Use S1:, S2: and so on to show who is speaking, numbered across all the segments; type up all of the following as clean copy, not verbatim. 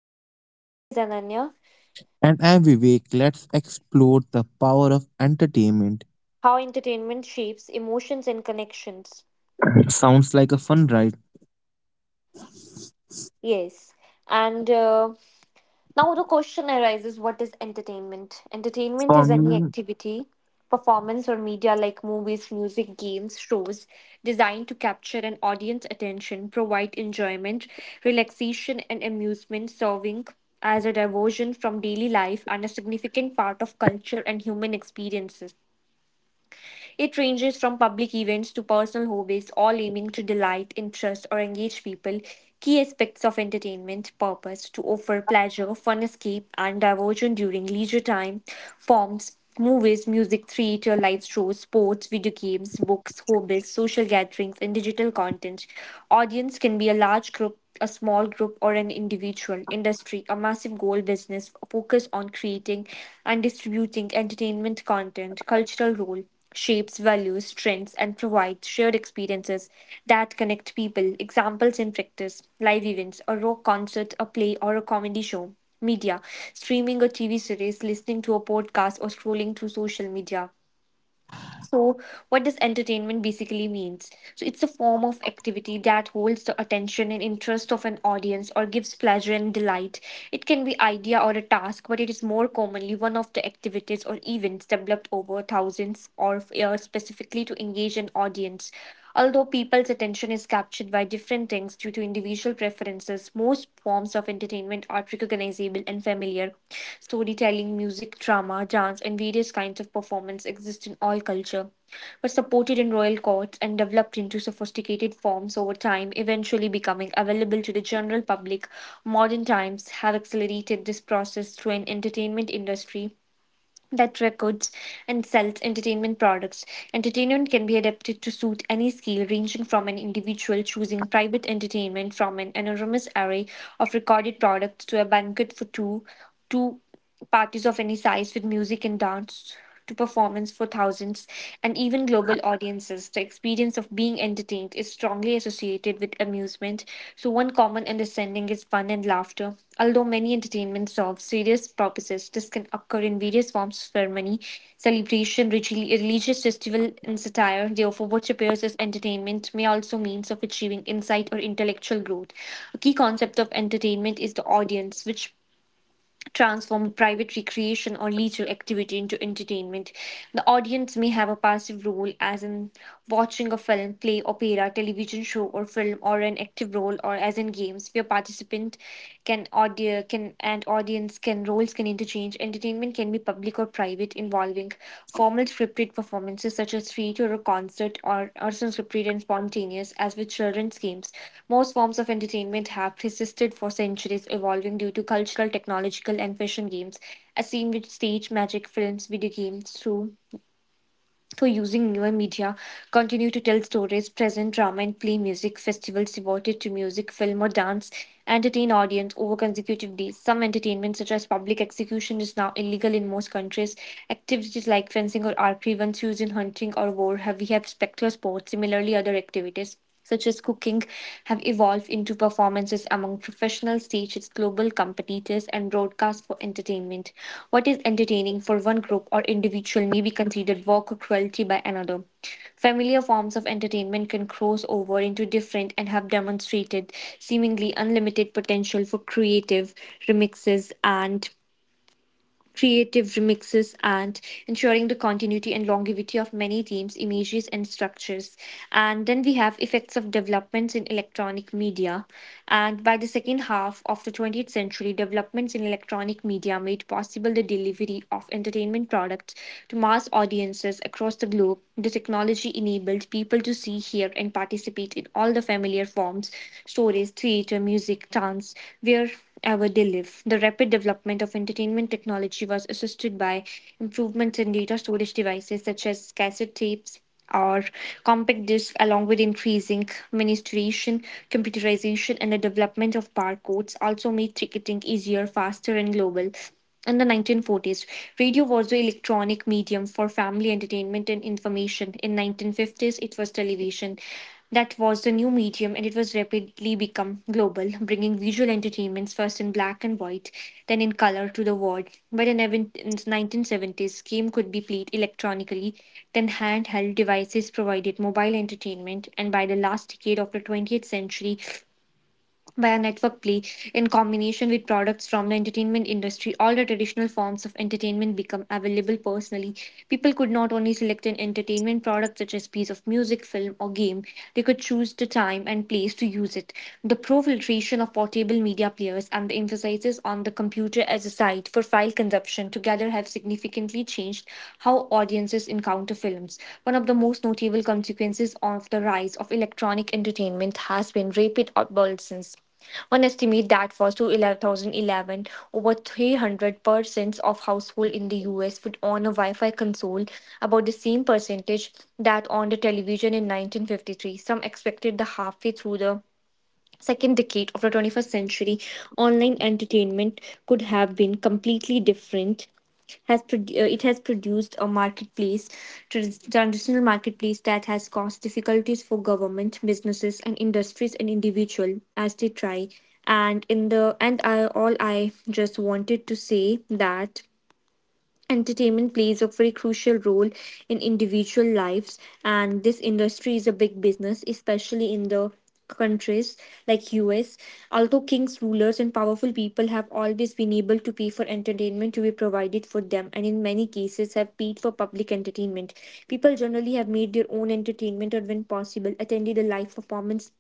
S1: in life. My name is Ananya.
S2: And I'm Vivek. Let's explore the power of entertainment.
S1: How entertainment shapes emotions and connections.
S2: Sounds like a fun ride.
S1: Yes. And Now the question arises, what is entertainment? Entertainment is
S2: For
S1: any
S2: me,
S1: activity, performance, or media like movies, music, games, shows designed to capture an audience attention, provide enjoyment, relaxation, and amusement, serving as a diversion from daily life and a significant part of culture and human experiences. It ranges from public events to personal hobbies, all aiming to delight, interest, or engage people. Key aspects of entertainment purpose to offer pleasure, fun escape, and diversion during leisure time. Forms movies, music, theater, live shows, sports, video games, books, hobbies, social gatherings, and digital content. Audience can be a large group, a small group, or an individual. Industry, a massive goal business focused on creating and distributing entertainment content. Cultural role shapes values, trends, and provides shared experiences that connect people. Examples in practice live events, a rock concert, a play, or a comedy show. Media streaming a TV series, listening to a podcast, or scrolling through social media. So, what does entertainment basically means? So, it's a form of activity that holds the attention and interest of an audience or gives pleasure and delight. It can be idea or a task, but it is more commonly one of the activities or events developed over thousands or years specifically to engage an audience. Although people's attention is captured by different things due to individual preferences, most forms of entertainment are recognizable and familiar. Storytelling, music, drama, dance, and various kinds of performance exist in all culture, were supported in royal courts and developed into sophisticated forms over time, eventually becoming available to the general public. Modern times have accelerated this process through an entertainment industry that records and sells entertainment products. Entertainment can be adapted to suit any scale, ranging from an individual choosing private entertainment from an enormous array of recorded products to a banquet for two, two parties of any size with music and dance to performance for thousands and even global audiences. The experience of being entertained is strongly associated with amusement, so one common understanding is fun and laughter. Although many entertainments serve serious purposes, this can occur in various forms of ceremony, celebration, ritual, religious festival, and satire. Therefore, what appears as entertainment may also means of achieving insight or intellectual growth. A key concept of entertainment is the audience, which transform private recreation or leisure activity into entertainment. The audience may have a passive role, as in watching a film, play, opera, television show, or film, or an active role, or as in games where participant can audio can and audience can roles can interchange. Entertainment can be public or private, involving formal scripted performances such as theater or concert, or some scripted and spontaneous, as with children's games. Most forms of entertainment have persisted for centuries, evolving due to cultural, technological, and fashion games, as seen with stage magic, films, video games, through to using newer media continue to tell stories, present drama, and play music. Festivals devoted to music, film, or dance entertain audience over consecutive days. Some entertainment, such as public execution, is now illegal in most countries. Activities like fencing or archery, once used in hunting or war, have we have spectator sports. Similarly, other activities such as cooking, have evolved into performances among professional stages, global competitors, and broadcasts for entertainment. What is entertaining for one group or individual may be considered work or cruelty by another. Familiar forms of entertainment can cross over into different and have demonstrated seemingly unlimited potential for remixes and creative remixes, and ensuring the continuity and longevity of many themes, images, and structures. And then we have effects of developments in electronic media. And by the second half of the 20th century, developments in electronic media made possible the delivery of entertainment products to mass audiences across the globe. The technology enabled people to see, hear, and participate in all the familiar forms stories, theatre, music, dance, wherever they live. The rapid development of entertainment technology was assisted by improvements in data storage devices such as cassette tapes or compact discs, along with increasing miniaturization, computerization, and the development of barcodes, also made ticketing easier, faster, and global. In the 1940s, radio was the electronic medium for family entertainment and information. In 1950s, it was television. That was the new medium, and it was rapidly become global, bringing visual entertainments first in black and white, then in color to the world. By the 1970s, game could be played electronically, then handheld devices provided mobile entertainment, and by the last decade of the 20th century, by a network play in combination with products from the entertainment industry all the traditional forms of entertainment become available personally people could not only select an entertainment product such as piece of music film or game they could choose the time and place to use it the proliferation of portable media players and the emphasis on the computer as a site for file consumption together have significantly changed how audiences encounter films. One of the most notable consequences of the rise of electronic entertainment has been rapid obsolescence. One estimate that for 2011, over 300% of households in the US would own a Wi Fi console, about the same percentage that owned a television in 1953. Some expected the halfway through the second decade of the 21st century, online entertainment could have been completely different. It has produced a marketplace, transitional marketplace that has caused difficulties for government, businesses, and industries and individual as they try. And in the and I all I just wanted to say that entertainment plays a very crucial role in individual lives, and this industry is a big business, especially in the countries like US. Although kings, rulers, and powerful people have always been able to pay for entertainment to be provided for them, and in many cases have paid for public entertainment, people generally have made their own entertainment or, when possible, attended a live performance.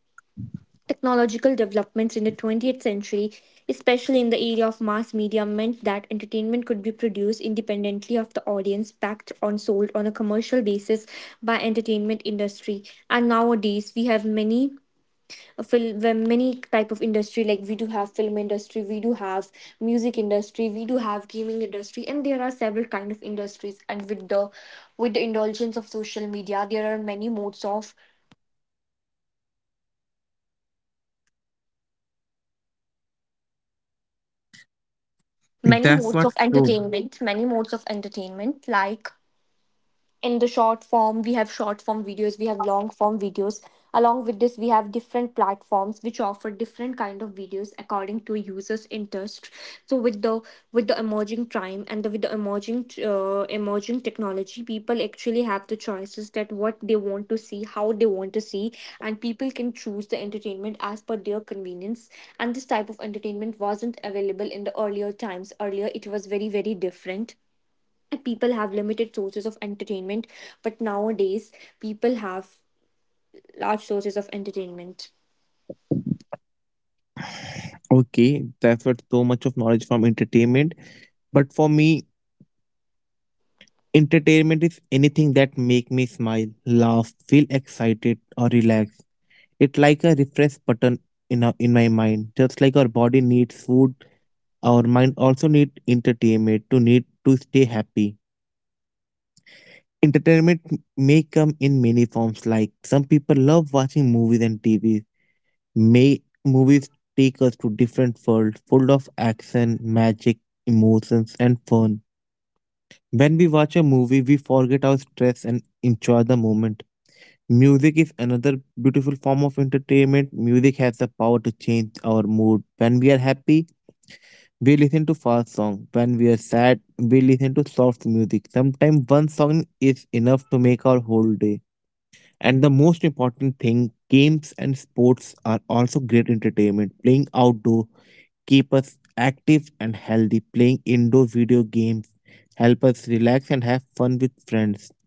S1: Technological developments in the 20th century, especially in the area of mass media, meant that entertainment could be produced independently of the audience, packed on sold on a commercial basis by entertainment industry. And nowadays, we have many fil- we many type of industry like we do have film industry, we do have music industry, we do have gaming industry, and there are several kind of industries. And with the indulgence of social media, there are many modes of many modes
S2: that's
S1: of
S2: what so.
S1: entertainment many modes of entertainment like in the short form we have short form videos we have long form videos along with this we have different platforms which offer different kind of videos according to users interest so with the emerging time and with the emerging technology people actually have the choices that what they want to see how they want to see and people can choose the entertainment as per their convenience and this type of entertainment wasn't available in the earlier times earlier it was very very different people have limited sources of entertainment but nowadays people have large sources of entertainment.
S2: Okay, that's what so much of knowledge from entertainment. But for me, entertainment is anything that make me smile, laugh, feel excited, or relax. It's like a refresh button in my mind. Just like our body needs food, our mind also need entertainment to need to stay happy. Entertainment may come in many forms, like some people love watching movies and TV. May Movies take us to different worlds full of action, magic, emotions, and fun. When we watch a movie, we forget our stress and enjoy the moment. Music is another beautiful form of entertainment. Music has the power to change our mood. When we are happy, we listen to fast songs. When we are sad, we listen to soft music. Sometimes one song is enough to make our whole day. And the most important thing, games and sports are also great entertainment. Playing outdoor keep us active and healthy. Playing indoor video games help us relax and have fun with friends.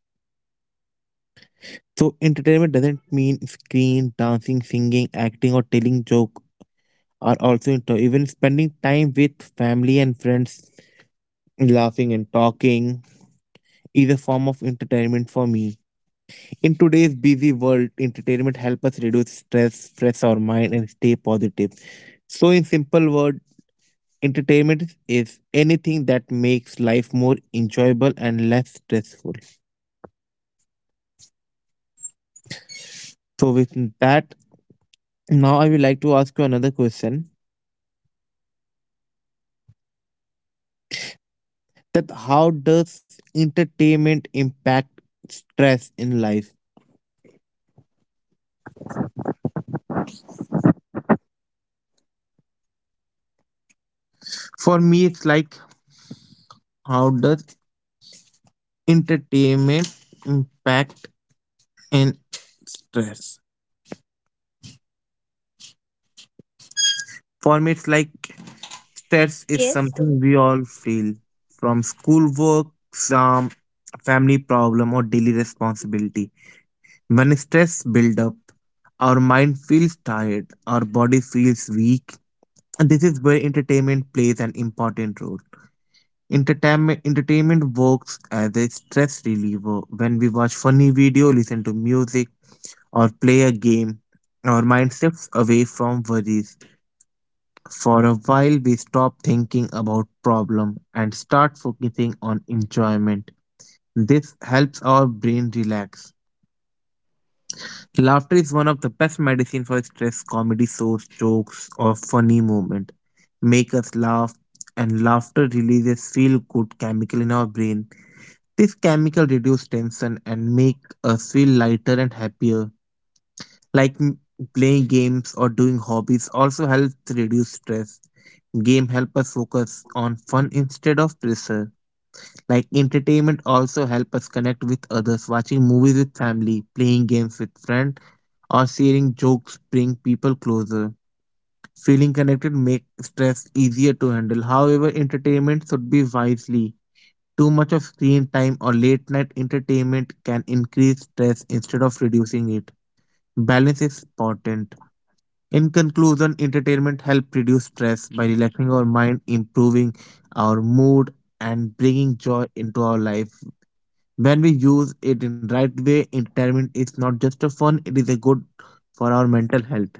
S2: So entertainment doesn't mean screen, dancing, singing, acting or telling joke are also into even spending time with family and friends laughing and talking is a form of entertainment for me. In today's busy world, entertainment helps us reduce stress, stress our mind, and stay positive. So, in simple words, entertainment is anything that makes life more enjoyable and less stressful. So, with that, now I would like to ask you another question: that how does entertainment impact stress in life? For me, it's like how does entertainment impact in stress? For me, it's like stress is
S1: Yes.
S2: something we all feel from schoolwork, some family problem, or daily responsibility. When stress builds up, our mind feels tired, our body feels weak, and this is where entertainment plays an important role. Entertainment works as a stress reliever. When we watch funny video, listen to music, or play a game, our mind shifts away from worries for a while we stop thinking about problem and start focusing on enjoyment. This helps our brain relax. Laughter is one of the best medicine for stress. Comedy source jokes or funny moment make us laugh and laughter releases feel good chemical in our brain. This chemical reduce tension and make us feel lighter and happier. Like playing games or doing hobbies also helps reduce stress. Game help us focus on fun instead of pressure. Like entertainment also help us connect with others. Watching movies with family, playing games with friends, or sharing jokes bring people closer. Feeling connected make stress easier to handle. However, entertainment should be wisely. Too much of screen time or late night entertainment can increase stress instead of reducing it. Balance is important. In conclusion, entertainment helps reduce stress by relaxing our mind, improving our mood, and bringing joy into our life. When we use it in right way, entertainment is not just a fun; it is a good for our mental health.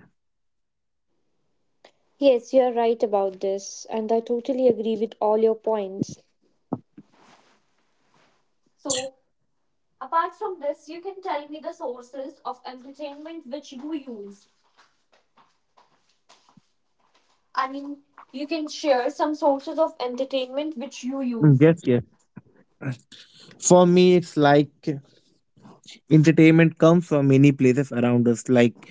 S1: Yes, you are right about this, and I totally agree with all your points. So apart from this you can tell me the sources of entertainment which you use, I mean you can share some sources of entertainment which you
S2: Mm,
S1: use.
S2: yes, yes. For me, it's like entertainment comes from many places around us, like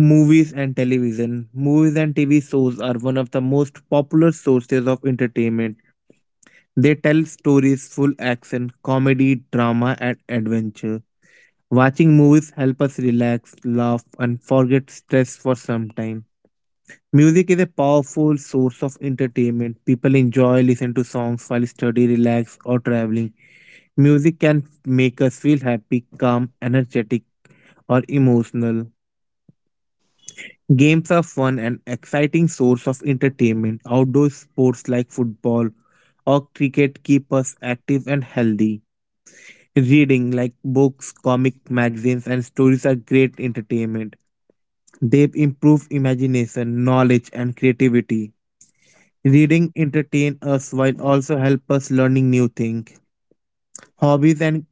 S2: movies and television. Movies and TV shows are one of the most popular sources of entertainment. They tell stories full action, comedy, drama, and adventure. Watching movies help us relax, laugh, and forget stress for some time. Music is a powerful source of entertainment. People enjoy listening to songs while study, relax, or traveling. Music can make us feel happy, calm, energetic, or emotional. Games are fun and exciting source of entertainment. Outdoor sports like football or cricket keep us active and healthy. Reading like books, comic magazines and stories are great entertainment. They improve imagination, knowledge and creativity. Reading entertain us while also help us learning new things. Hobbies and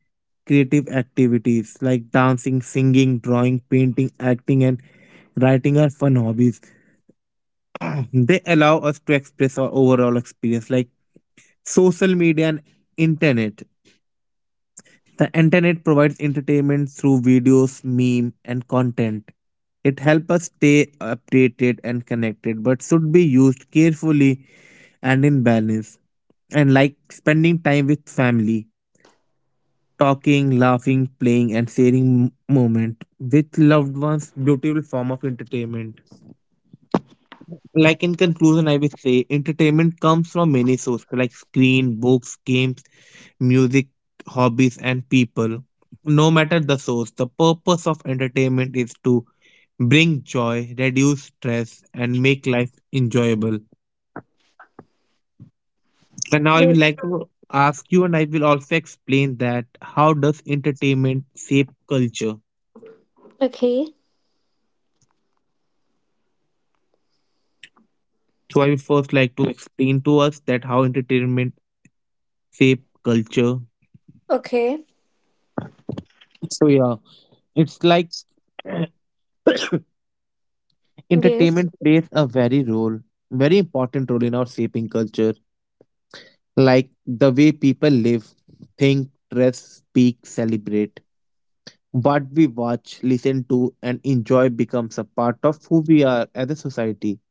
S2: creative activities like dancing, singing, drawing, painting, acting and writing are fun hobbies. They allow us to express our overall experience like social media and internet. The internet provides entertainment through videos, meme, and content. It helps us stay updated and connected, but should be used carefully and in balance. And like spending time with family, talking, laughing, playing, and sharing moment with loved ones, beautiful form of entertainment. Like in conclusion, I will say entertainment comes from many sources like screen, books, games, music, hobbies, and people. No matter the source, the purpose of entertainment is to bring joy, reduce stress, and make life enjoyable. And now I will
S1: Yes.
S2: like to ask you, and I will also explain that how does entertainment shape culture.
S1: Okay.
S2: So I will first like to explain to us that how entertainment shape culture.
S1: Okay.
S2: So yeah, it's like
S1: Yes.
S2: entertainment plays a very role, very important role in our shaping culture like the way people live, think, dress, speak, celebrate. What we watch, listen to, and enjoy becomes a part of who we are as a society.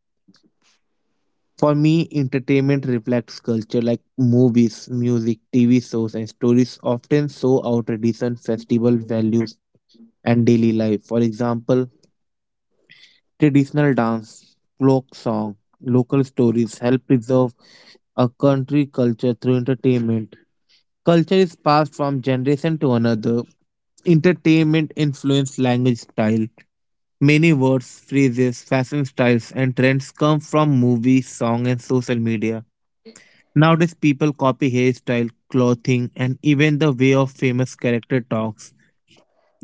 S2: For me, entertainment reflects culture like movies, music, TV shows, and stories often show our tradition, festival values, and daily life. For example, traditional dance, folk song, local stories help preserve a country culture through entertainment. Culture is passed from generation to another. Entertainment influence language style. Many words, phrases, fashion styles, and trends come from movies, song, and social media. Nowadays, people copy hairstyle, clothing, and even the way of famous character talks.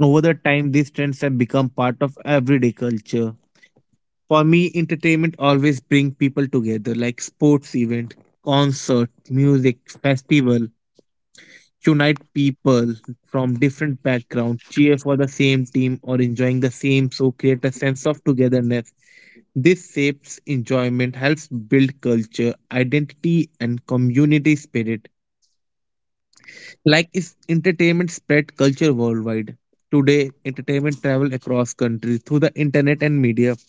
S2: Over the time, these trends have become part of everyday culture. For me, entertainment always bring people together, like sports event, concert, music, festival unite people from different backgrounds, cheer for the same team or enjoying the same show, create a sense of togetherness. This shapes enjoyment, helps build culture, identity, and community spirit. Like is entertainment spread culture worldwide. Today, entertainment travel across countries through the internet and media.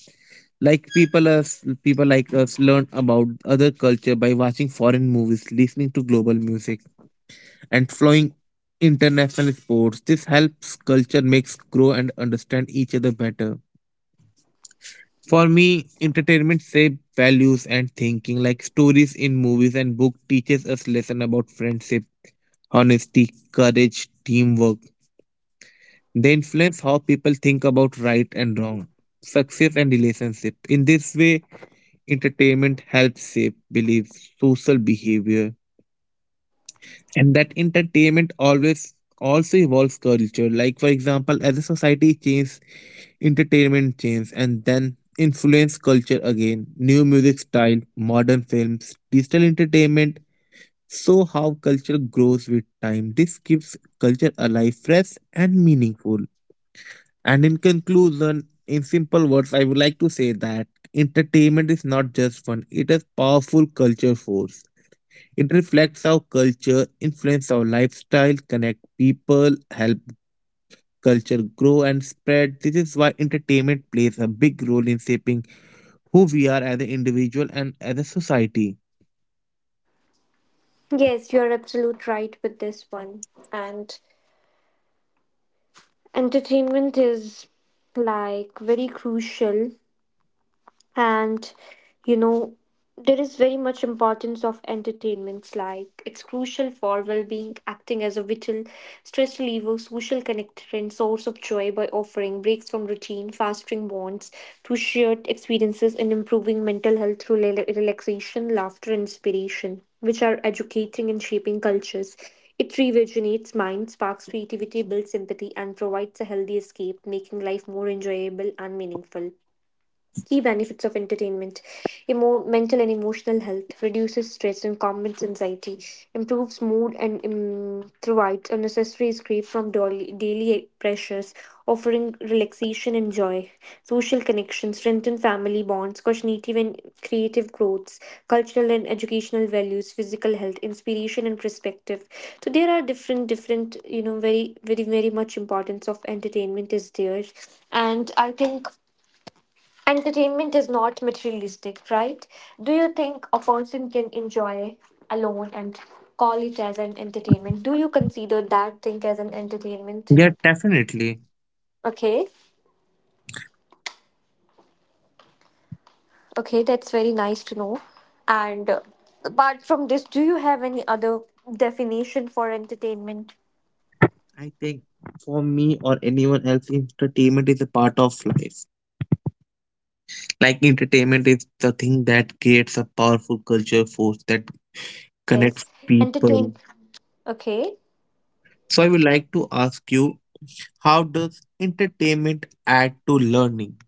S2: Like people like us learn about other culture by watching foreign movies, listening to global music and flowing international sports. This helps culture makes grow and understand each other better. For me, entertainment shape values and thinking like stories in movies and book teaches us lesson about friendship, honesty, courage, teamwork. They influence how people think about right and wrong, success and relationship. In this way, entertainment helps shape beliefs, social behavior and that entertainment always also evolves culture like for example as a society changes, entertainment changes and then influence culture again. New music style, modern films, digital entertainment, so how culture grows with time this keeps culture alive fresh and meaningful. And in conclusion, in simple words I would like to say that entertainment is not just fun, it is powerful culture force. It reflects our culture, influence our lifestyle, connect people, help culture grow and spread. This is why entertainment plays a big role in shaping who we are as an individual and as a society.
S1: Yes, you are absolute right with this one. And entertainment is like very crucial and you know there is very much importance of entertainments like it's crucial for well-being acting as a vital stress reliever social connector and source of joy by offering breaks from routine fostering bonds through shared experiences and improving mental health through relaxation laughter and inspiration which are educating and shaping cultures it rejuvenates minds sparks creativity builds empathy and provides a healthy escape making life more enjoyable and meaningful. Key benefits of entertainment. Mental and emotional health, reduces stress and combats anxiety, improves mood and provides a necessary escape from daily pressures, offering relaxation and joy. Social connections, strengthen family bonds, cognitive and creative growths, cultural and educational values, physical health, inspiration and perspective. So there are different, you know, very much importance of entertainment is there. And I think entertainment is not materialistic, right? Do you think a person can enjoy alone and call it as an entertainment? Do you consider that thing as an entertainment?
S2: Yeah, definitely.
S1: Okay, okay, that's very nice to know. And Apart from this, do you have any other definition for entertainment?
S2: I think for me or anyone else, entertainment is a part of life.
S1: Yes, entertainment
S2: Like
S1: is a part
S2: entertainment
S1: of.
S2: is the thing that creates a powerful culture force that
S1: Yes,
S2: connects people.
S1: entertain. Okay.
S2: So I would like to ask you, how does entertainment add to learning?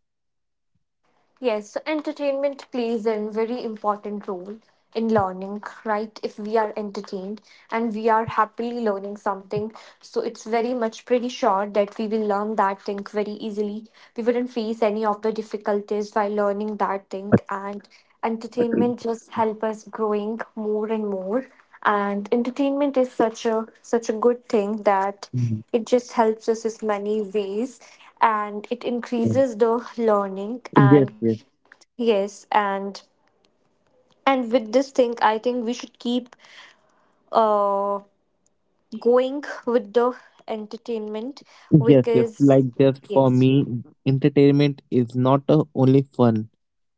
S1: Yes, so entertainment plays a very important role in learning, right? If we are entertained and we are happily learning something, so it's very much pretty sure that we will learn that thing very easily. We wouldn't face any of the difficulties while learning that thing, and entertainment just help us growing more and more. And entertainment is such a good thing that
S2: Mm,
S1: it just helps us in many ways and it
S2: yeah.
S1: increases the learning.
S2: Yes,
S1: And
S2: yes,
S1: yes, and with this thing, I think we should keep uh going with the entertainment
S2: yes. Like
S1: because
S2: just for
S1: yes,
S2: me, entertainment is not only fun.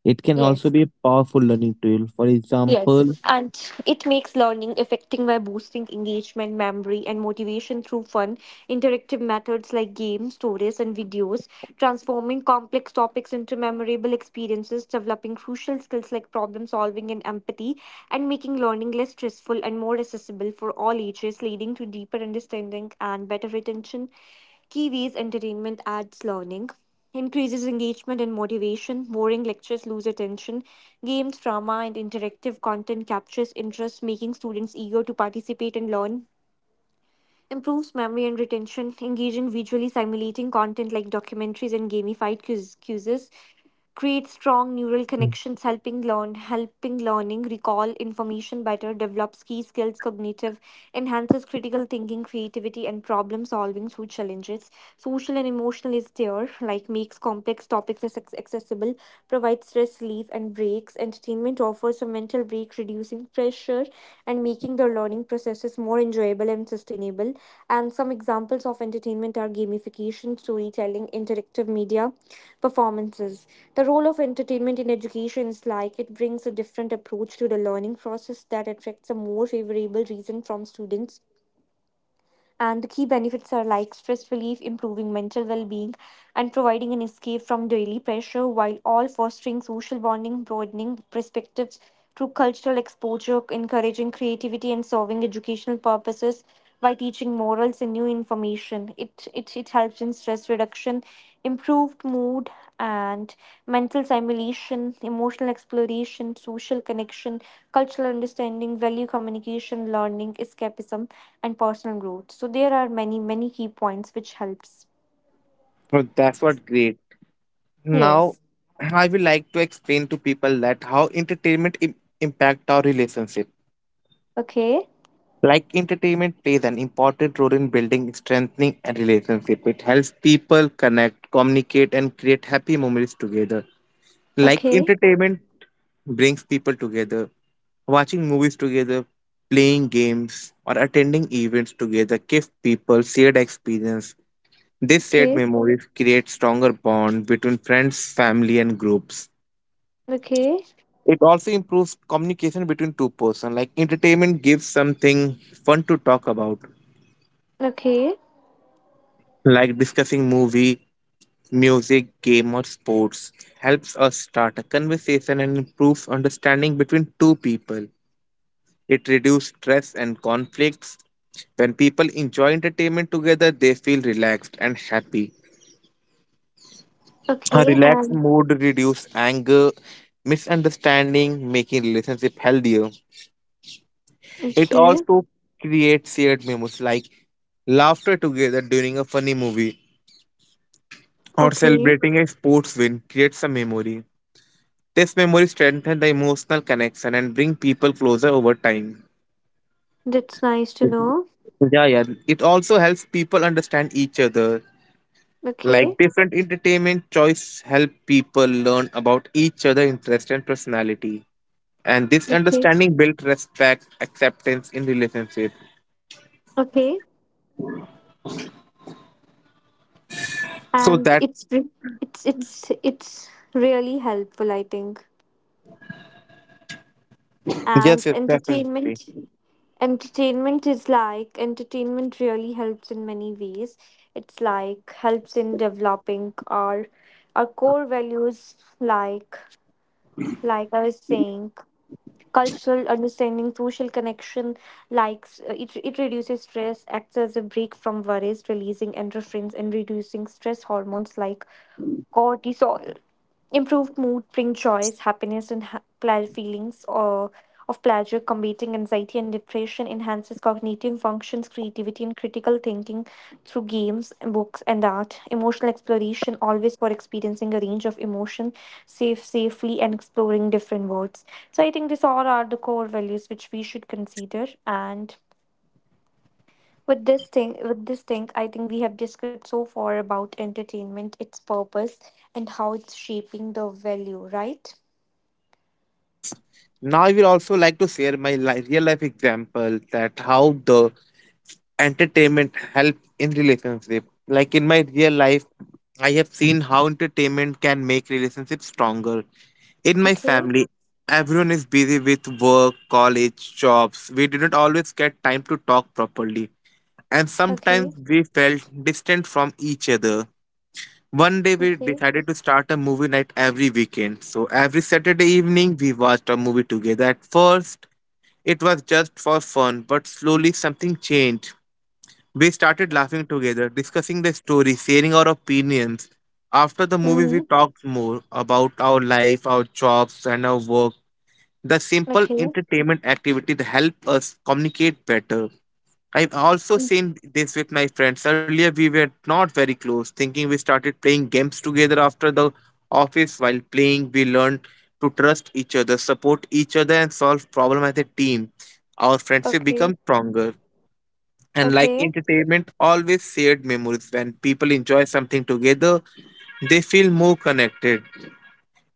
S2: It can also
S1: yes.
S2: be a powerful learning tool. For example,
S1: Yes, and it makes learning effective by boosting engagement, memory, and motivation through fun, interactive methods like games, stories, and videos, transforming complex topics into memorable experiences, developing crucial skills like problem solving and empathy, and making learning less stressful and more accessible for all ages, leading to deeper understanding and better retention. Key ways entertainment adds learning increases engagement and motivation. Boring lectures lose attention. Games, drama, and interactive content captures interest, making students eager to participate and learn, improves memory and retention, engaging visually simulating content like documentaries and gamified quizzes, create strong neural
S2: mm.
S1: connections, helping learn, helping learning recall information better, develops key skills, cognitive, enhances critical thinking, creativity, and problem solving through challenges. Social and emotional is there, like makes complex topics accessible. Provides stress relief and breaks. Entertainment offers a mental break, reducing pressure and making the learning processes more enjoyable and sustainable. And some examples of entertainment are gamification, storytelling, interactive media, performances. The role of entertainment in education is like it brings a different approach to the learning process that attracts a more favorable reason from students, and the key benefits are like stress relief, improving mental well being, and providing an escape from daily pressure, while all fostering social bonding, broadening perspectives through cultural exposure, encouraging creativity, and serving educational purposes by teaching morals and new information. It helps in stress reduction, improved mood and mental stimulation, emotional exploration, social connection, cultural understanding, value communication, learning, escapism, and personal growth. So there are many key points which helps.
S2: So that's what great. Now,
S1: Yes.
S2: I would like to explain to people that how entertainment impact our relationship.
S1: Okay.
S2: Like entertainment plays an important role in building, strengthening a relationship. It helps people connect, communicate, and create happy memories together. Like
S1: Okay.
S2: entertainment brings people together. Watching movies together, playing games, or attending events together gives people shared experience. These shared
S1: Okay.
S2: memories create stronger bond between friends, family, and groups.
S1: Okay.
S2: It also improves communication between two persons. Like entertainment gives something fun to talk about,
S1: Okay.
S2: like discussing movie, music, game, or sports. Helps us start a conversation and improves understanding between two people. It reduces stress and conflicts. When people enjoy entertainment together, they feel relaxed and happy. A
S1: Okay.
S2: relaxed
S1: And
S2: mood reduces anger, misunderstanding, making relationship healthier. It
S1: okay.
S2: also creates shared memories like laughter together during a funny movie or
S1: Okay.
S2: celebrating a sports win creates a memory. This memory strengthens the emotional connection and bring people closer over time.
S1: That's nice to know.
S2: Yeah, yeah. It also helps people understand each other. Like
S1: Okay.
S2: different entertainment choice help people learn about each other interest and personality. And this
S1: Okay.
S2: understanding built respect, acceptance in relationship.
S1: Okay.
S2: So
S1: And
S2: that
S1: it's really helpful, I think.
S2: Yes,
S1: And
S2: yes, definitely.
S1: entertainment, entertainment is like, entertainment really helps in many ways. It's like helps in developing our core values, like I was saying, cultural understanding, social connection, likes, it reduces stress, acts as a break from worries, releasing endorphins and reducing stress hormones like cortisol. Improved mood bring joys, happiness, and feelings or of pleasure, combating anxiety and depression, enhances cognitive functions, creativity, and critical thinking through games, books, and art. Emotional exploration, always for experiencing a range of emotion safely, and exploring different worlds. So I think these all are the core values which we should consider. And with this thing, I think we have discussed so far about entertainment, its purpose, and how it's shaping the value, right?
S2: Yes. Now I will also like to share my real life example that how the entertainment help in relationship like in my real life I have seen how entertainment can make relationships stronger. In my
S1: Okay,
S2: family everyone is busy with work college jobs, we did not always get time to talk properly and
S1: okay,
S2: sometimes we felt distant from each other. One day
S1: okay,
S2: we decided to start a movie night every weekend, so every Saturday evening we watched a movie together. At first it was just for fun, but slowly something changed. We started
S1: okay.
S2: laughing together, discussing the story, sharing our opinions. After the movie,
S1: Mm-hmm.
S2: we talked more about our life, our jobs, and our work. The simple
S1: Okay,
S2: entertainment activity that help us communicate better. I've also
S1: mm,
S2: seen this with my friends. Earlier, we were not very close, thinking we started playing games together after the office. While playing, we learned to trust each other, support each other, and solve problems as a team. Our friendship
S1: okay,
S2: becomes stronger. And like
S1: okay.
S2: entertainment, always shared memories. When people enjoy something together, they feel more connected.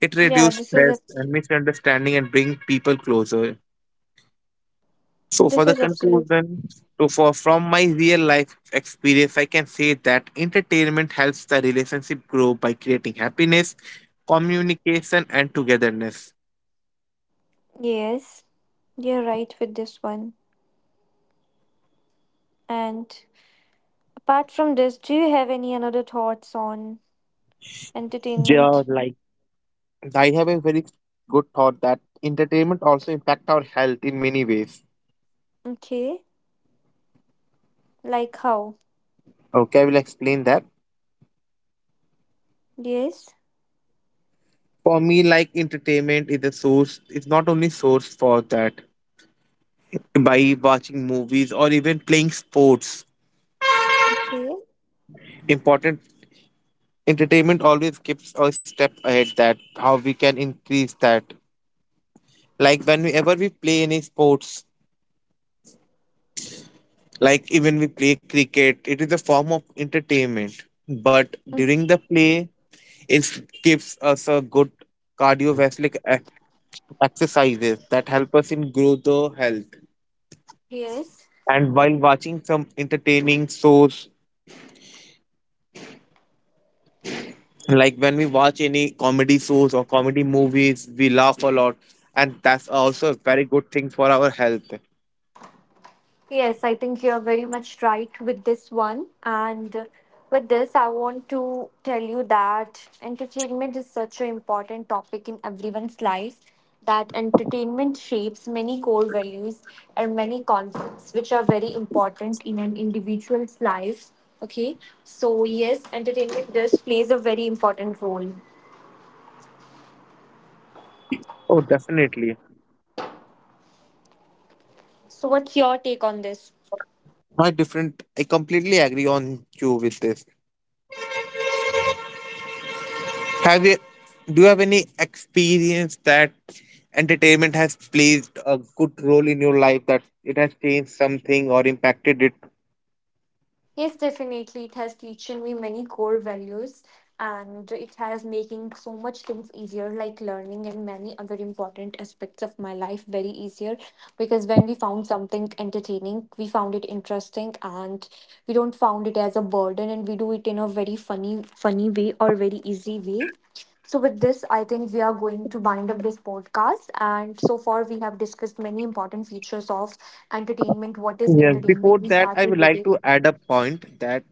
S2: It
S1: Yeah,
S2: reduces stress and misunderstanding and bring people closer. So for
S1: this
S2: the
S1: is absolute.
S2: conclusion, so for from my real life experience, I can say that entertainment helps the relationship grow by creating happiness, communication, and togetherness.
S1: Yes, you're right with this one. And apart from this, do you have any another thoughts on
S2: Yeah,
S1: entertainment?
S2: like I have a very good thought that entertainment also impact our health in many ways.
S1: Okay, like how?
S2: Okay, I will explain that.
S1: Yes.
S2: For me, like entertainment is a source, it's not only source for that. By watching movies or even playing sports,
S1: Okay.
S2: important entertainment always keeps a step ahead that how we can increase that. Like whenever we play any sports, like even we play cricket, it is a form of entertainment. But
S1: Mm.
S2: during the play, it gives us a good cardiovascular exercises that help us in grow the health.
S1: Yes.
S2: And while watching some entertaining shows like when we watch any comedy shows or comedy movies we laugh a lot, and that's also a very good thing for our health.
S1: Yes, I think you're very much right with this one. And with this, I want to tell you that entertainment is such an important topic in everyone's life. That entertainment shapes many core values and many concepts which are very important in an individual's life. Okay, so yes, entertainment does plays a very important role.
S2: Oh definitely.
S1: So, what's your take on this?
S2: I completely agree on you with this. Have you Do you have any experience that entertainment has played a good role in your life that it has changed something or impacted it?
S1: Yes, definitely. It has teaching me many core values and it has making so much things easier like learning and many other important aspects of my life very easier, because when we found something entertaining, we found it interesting and we don't found it as a burden and we do it in a very funny way or very easy way. So with this, I think we are going to bind up this podcast. And so far, we have discussed many important features of entertainment. What is
S2: Yes, before
S1: entertainment? We
S2: that, I
S1: started
S2: would
S1: with
S2: like
S1: it.
S2: to add a point that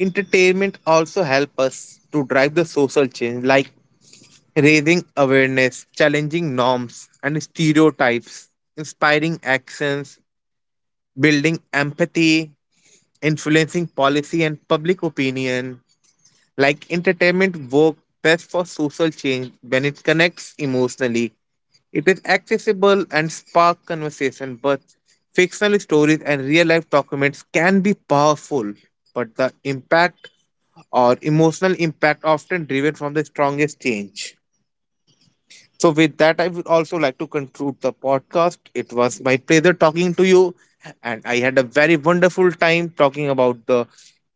S2: entertainment also help us to drive the social change, like raising awareness, challenging norms and stereotypes, inspiring actions, building empathy, influencing policy and public opinion, like entertainment work best for social change when it connects emotionally. It is accessible and spark conversation, but fictional stories and real life documents can be powerful, but the impact or emotional impact often driven from the strongest change. So, with that, I would also like to conclude the podcast. It was my pleasure talking to you, and I had a very wonderful time talking about the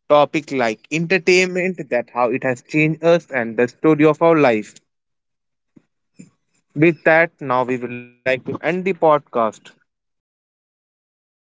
S2: topic like entertainment, that how it has changed us, and the story of our life. With that, now we would like to end the podcast.